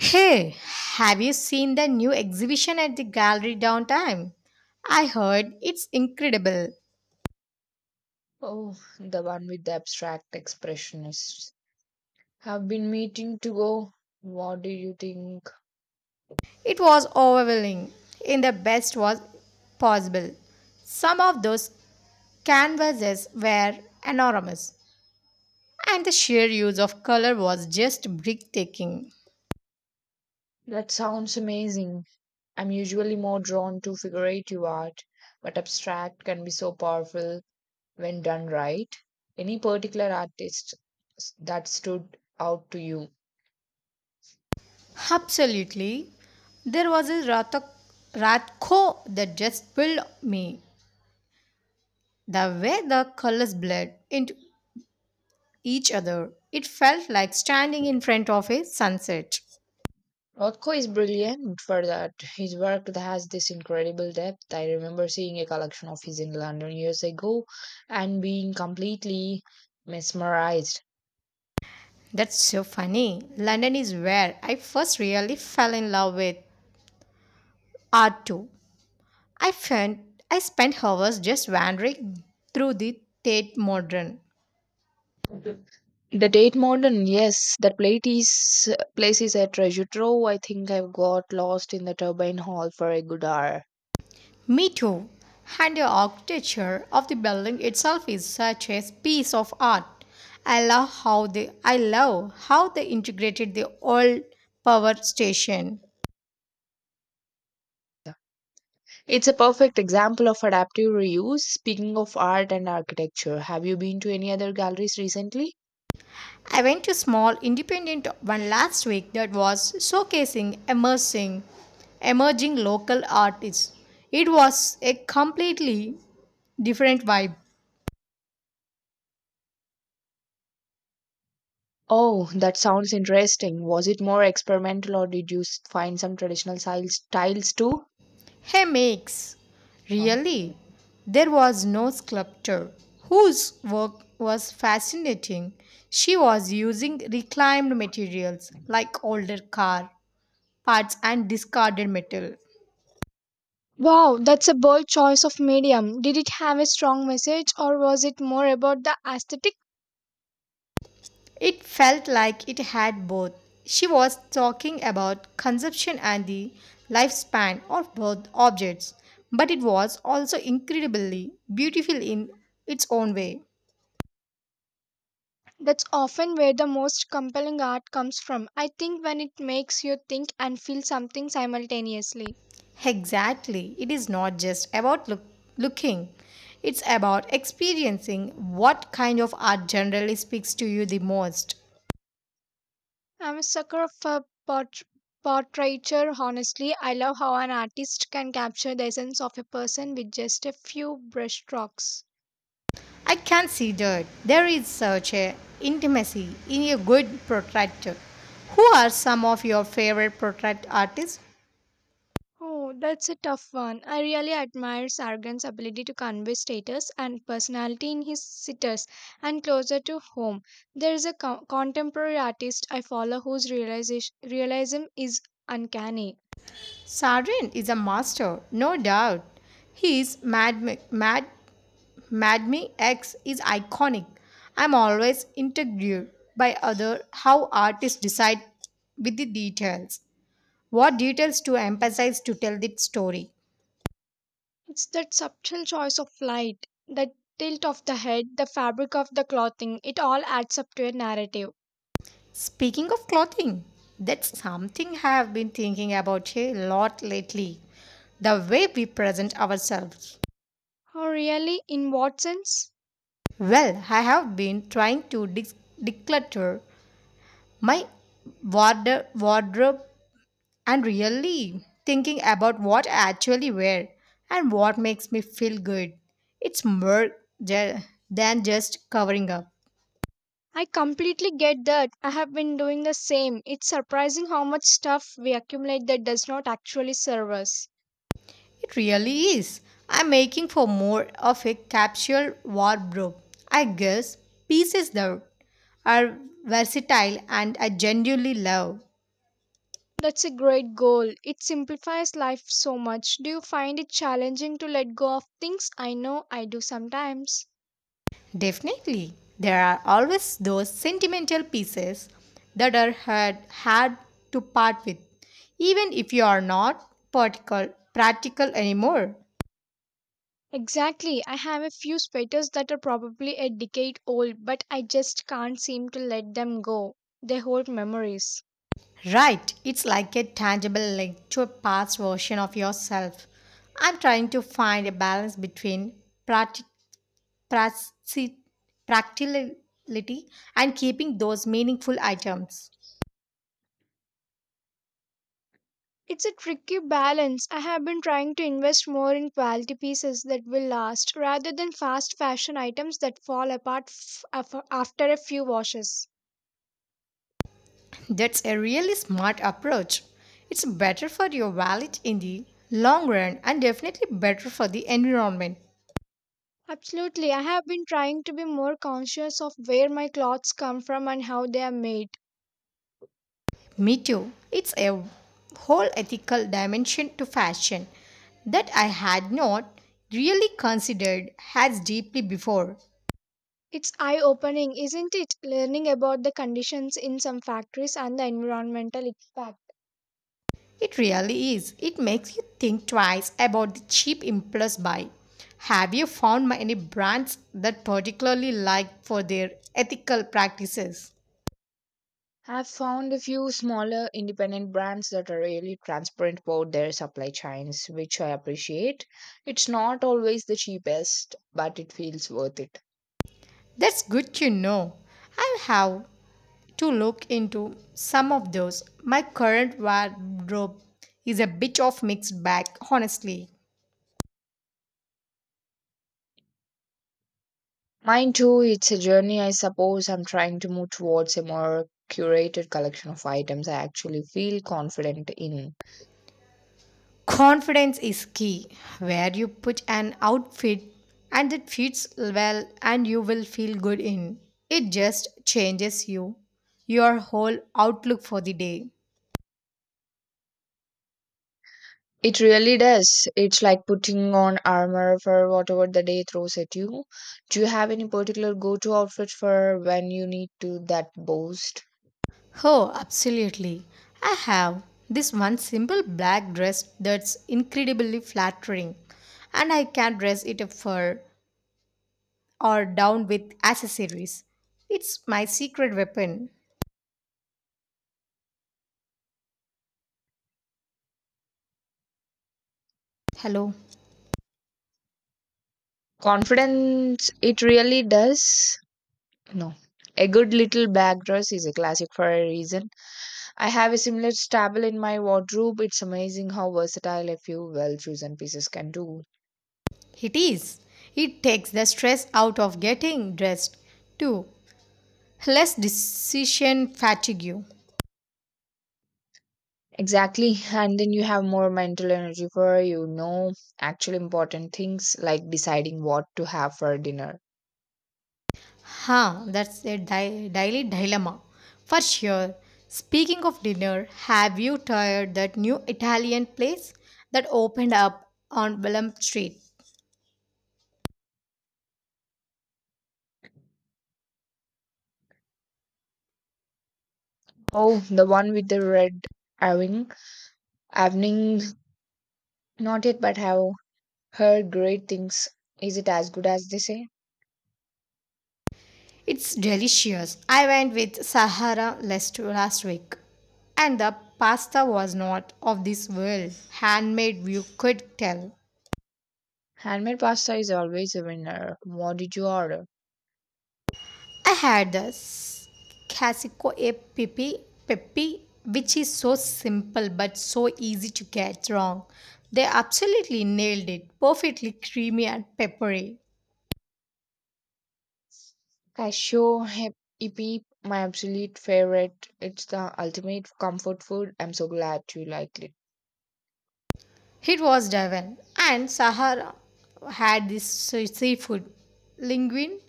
Hey, have you seen the new exhibition at the gallery downtown? I heard it's incredible. Oh, the one with the abstract expressionists. Have been meeting to go. What do you think? It was overwhelming in the best was possible. Some of those canvases were enormous, and the sheer use of color was just breathtaking. That sounds amazing. I'm usually more drawn to figurative art, but abstract can be so powerful when done right. Any particular artist that stood out to you? Absolutely. There was a Ratko that just filled me. The way the colors bled into each other. It felt like standing in front of a sunset. Rothko is brilliant for that. His work has this incredible depth. I remember seeing a collection of his in London years ago and being completely mesmerized. That's so funny. London is where I first really fell in love with art too. I found I spent hours just wandering through the Tate Modern. The Tate Modern, yes, that place is a treasure trove. I think I've got lost in the turbine hall for a good hour. Me too. And the architecture of the building itself is such a piece of art. I love how they integrated the old power station. It's a perfect example of adaptive reuse. Speaking of art and architecture, have you been to any other galleries recently? I went to a small independent one last week that was showcasing emerging local artists. It was a completely different vibe. Oh, that sounds interesting. Was it more experimental or did you find some traditional styles too? Hey makes Oh. really there was no sculptor whose work was fascinating. She was using reclaimed materials like older car parts and discarded metal. Wow, that's a bold choice of medium. Did it have a strong message or was it more about the aesthetic? It felt like it had both. She was talking about consumption and the lifespan of both objects, but it was also incredibly beautiful in its own way. That's often where the most compelling art comes from. I think when it makes you think and feel something simultaneously. Exactly, it is not just about looking, it's about experiencing what kind of art generally speaks to you the most. I'm a sucker of for portraiture, honestly. I love how an artist can capture the essence of a person with just a few brushstrokes. I can see that there is such a intimacy in a good portrait. Who are some of your favorite portrait artists? Oh, that's a tough one. I really admire Sargon's ability to convey status and personality in his sitters and closer to home. There is a contemporary artist I follow whose realism is uncanny. Sarin is a master, no doubt. His Mad Me X is iconic. I'm always intrigued by other how artists decide with the details. What details to emphasize to tell the story? It's that subtle choice of light, the tilt of the head, the fabric of the clothing, it all adds up to a narrative. Speaking of clothing, that's something I have been thinking about a lot lately. The way we present ourselves. Oh, really? In what sense? Well, I have been trying to declutter my wardrobe and really thinking about what I actually wear and what makes me feel good. It's more ju- than just covering up. I completely get that. I have been doing the same. It's surprising how much stuff we accumulate that does not actually serve us. It really is. I'm making for more of a capsule wardrobe. I guess pieces that are versatile and I genuinely love. That's a great goal. It simplifies life so much. Do you find it challenging to let go of things? I know I do sometimes. Definitely, there are always those sentimental pieces that are had to part with, even if you are not practical anymore. Exactly. I have a few sweaters that are probably a decade old, but I just can't seem to let them go. They hold memories. Right, it's like a tangible link to a past version of yourself. I'm trying to find a balance between practi- practi- practicality and keeping those meaningful items. It's a tricky balance. I have been trying to invest more in quality pieces that will last rather than fast fashion items that fall apart after a few washes. That's a really smart approach. It's better for your wallet in the long run and definitely better for the environment. Absolutely. I have been trying to be more conscious of where my clothes come from and how they are made. Me too. It's a whole ethical dimension to fashion that I had not really considered as deeply before. It's eye opening, isn't it? Learning about the conditions in some factories and the environmental impact. It really is. It makes you think twice about the cheap impulse buy. Have you found any brands that particularly like for their ethical practices? I've found a few smaller independent brands that are really transparent about their supply chains, which I appreciate. It's not always the cheapest, but it feels worth it. That's good to know. I'll have to look into some of those. My current wardrobe is a bit of mixed bag, honestly. Mine too, it's a journey, I suppose. I'm trying to move towards a more curated collection of items I actually feel confident in. Confidence is key. Where you put an outfit and it fits well and you will feel good in. It just changes you, your whole outlook for the day. It really does. It's like putting on armor for whatever the day throws at you. Do you have any particular go to outfit for when you need to that boost? Oh, absolutely. I have this one simple black dress that's incredibly flattering, and I can dress it up for or down with accessories. It's my secret weapon. Hello, Confidence, it really does. No. A good little bag dress is a classic for a reason. I have a similar stable in my wardrobe. It's amazing how versatile a few well chosen pieces can do. it is. It takes the stress out of getting dressed too. Less decision fatigue. Exactly. And then you have more mental energy for, you know, actual important things like deciding what to have for dinner. Huh, that's a daily dilemma. For sure. Speaking of dinner, have you tried that new Italian place that opened up on Willem Street? Oh, the one with the red awning. Awning, not yet, but have heard great things. Is it as good as they say? It's delicious. I went with Sahara last week. And the pasta was not of this world. Handmade, you could tell. Handmade pasta is always a winner. What did you order? I had Casico APP Peppy, which is so simple but so easy to get wrong. They absolutely nailed it, perfectly creamy and peppery. Cashew hippie, my absolute favorite. It's the ultimate comfort food. I'm so glad you liked it. It was divine. And Sahara had this seafood linguine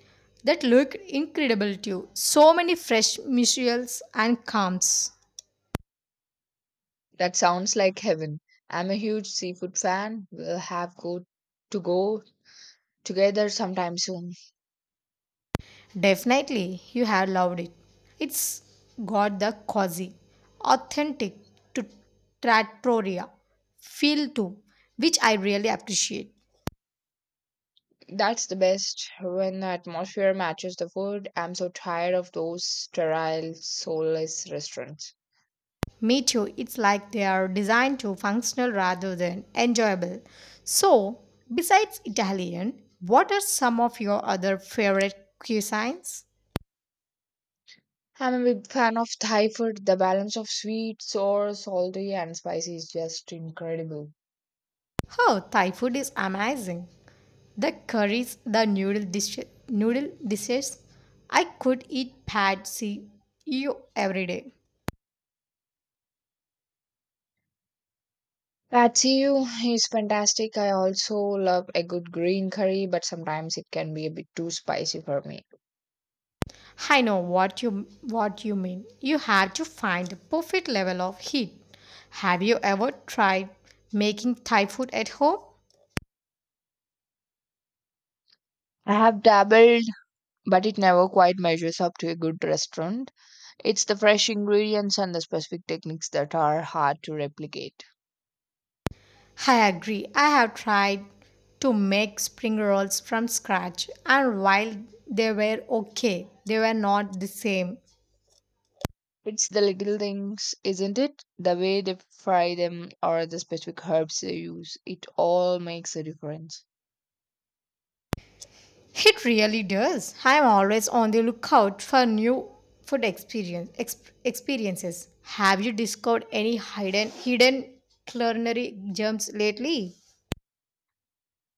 that looked incredible too. So many fresh mussels and clams. That sounds like heaven. I'm a huge seafood fan. We'll have go to go together sometime soon. Definitely, you have loved it. It's got the cozy, authentic to trattoria feel too, which I really appreciate. That's the best when the atmosphere matches the food. I'm so tired of those sterile, soulless restaurants. Me too, it's like they are designed to functional rather than enjoyable. So, besides Italian, what are some of your other favorite cuisines? I'm a big fan of Thai food. The balance of sweet, sour, salty, and spicy is just incredible. Oh, Thai food is amazing. The curries, the noodle dishes. I could eat pad see you every day. Patsy Ew is fantastic. I also love a good green curry, but sometimes it can be a bit too spicy for me. I know what you mean. You have to find the perfect level of heat. Have you ever tried making Thai food at home? I have dabbled but it never quite measures up to a good restaurant. It's the fresh ingredients and the specific techniques that are hard to replicate. I agree. I have tried to make spring rolls from scratch and while they were okay, they were not the same. It's the little things, isn't it? The way they fry them or the specific herbs they use. It all makes a difference. It really does. I'm always on the lookout for new experiences. Have you discovered any hidden culinary gems lately?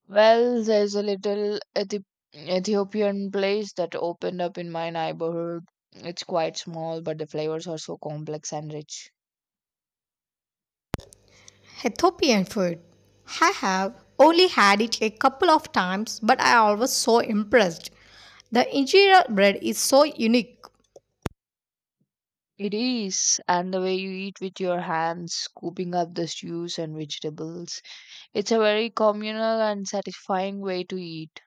Well, there's a little Ethiopian place that opened up in my neighborhood. It's quite small, but the flavors are so complex and rich. Ethiopian food. I have only had it a couple of times, but I was so impressed. The injera bread is so unique. It is, and the way you eat with your hands, scooping up the stews and vegetables. It's a very communal and satisfying way to eat.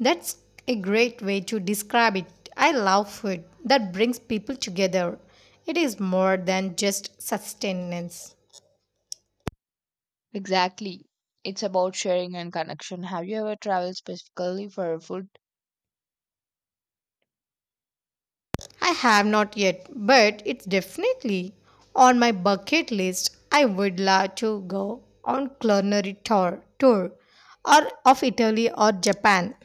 That's a great way to describe it. I love food that brings people together. It is more than just sustenance. Exactly. It's about sharing and connection. Have you ever traveled specifically for food? I have not yet, but it's definitely on my bucket list. I would love to go on culinary tour or of Italy or Japan.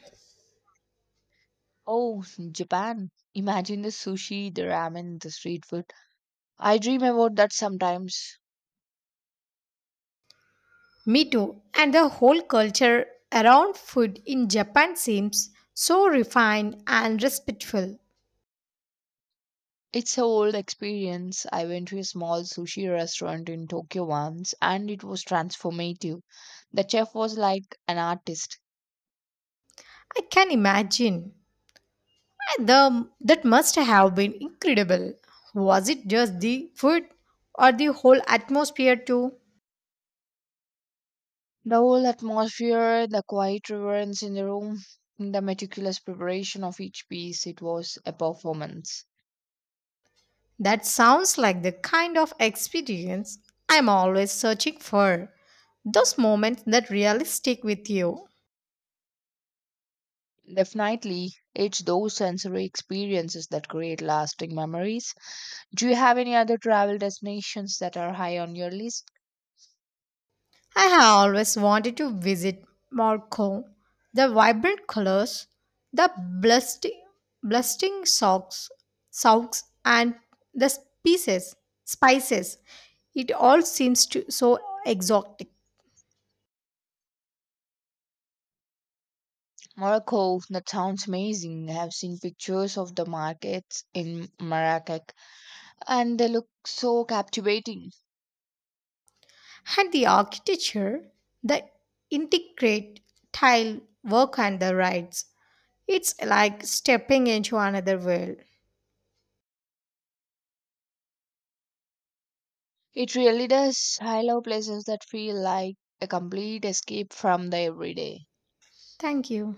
Oh, Japan. Imagine the sushi, the ramen, the street food. I dream about that sometimes. Me too. And the whole culture around food in Japan seems so refined and respectful. It's a old experience. I went to a small sushi restaurant in Tokyo once and it was transformative. The chef was like an artist. I can imagine. That must have been incredible. Was it just the food or the whole atmosphere too? The whole atmosphere, the quiet reverence in the room, the meticulous preparation of each piece, it was a performance. That sounds like the kind of experience I'm always searching for. Those moments that really stick with you. Definitely, it's those sensory experiences that create lasting memories. Do you have any other travel destinations that are high on your list? I have always wanted to visit Morocco. The vibrant colors, the blasting, blasting socks, and the spices. It all seems to so exotic. Morocco, that sounds amazing. I have seen pictures of the markets in Marrakech and they look so captivating. And the architecture, the intricate tile work and the rides. It's like stepping into another world. It really does. I love places that feel like a complete escape from the everyday. Thank you.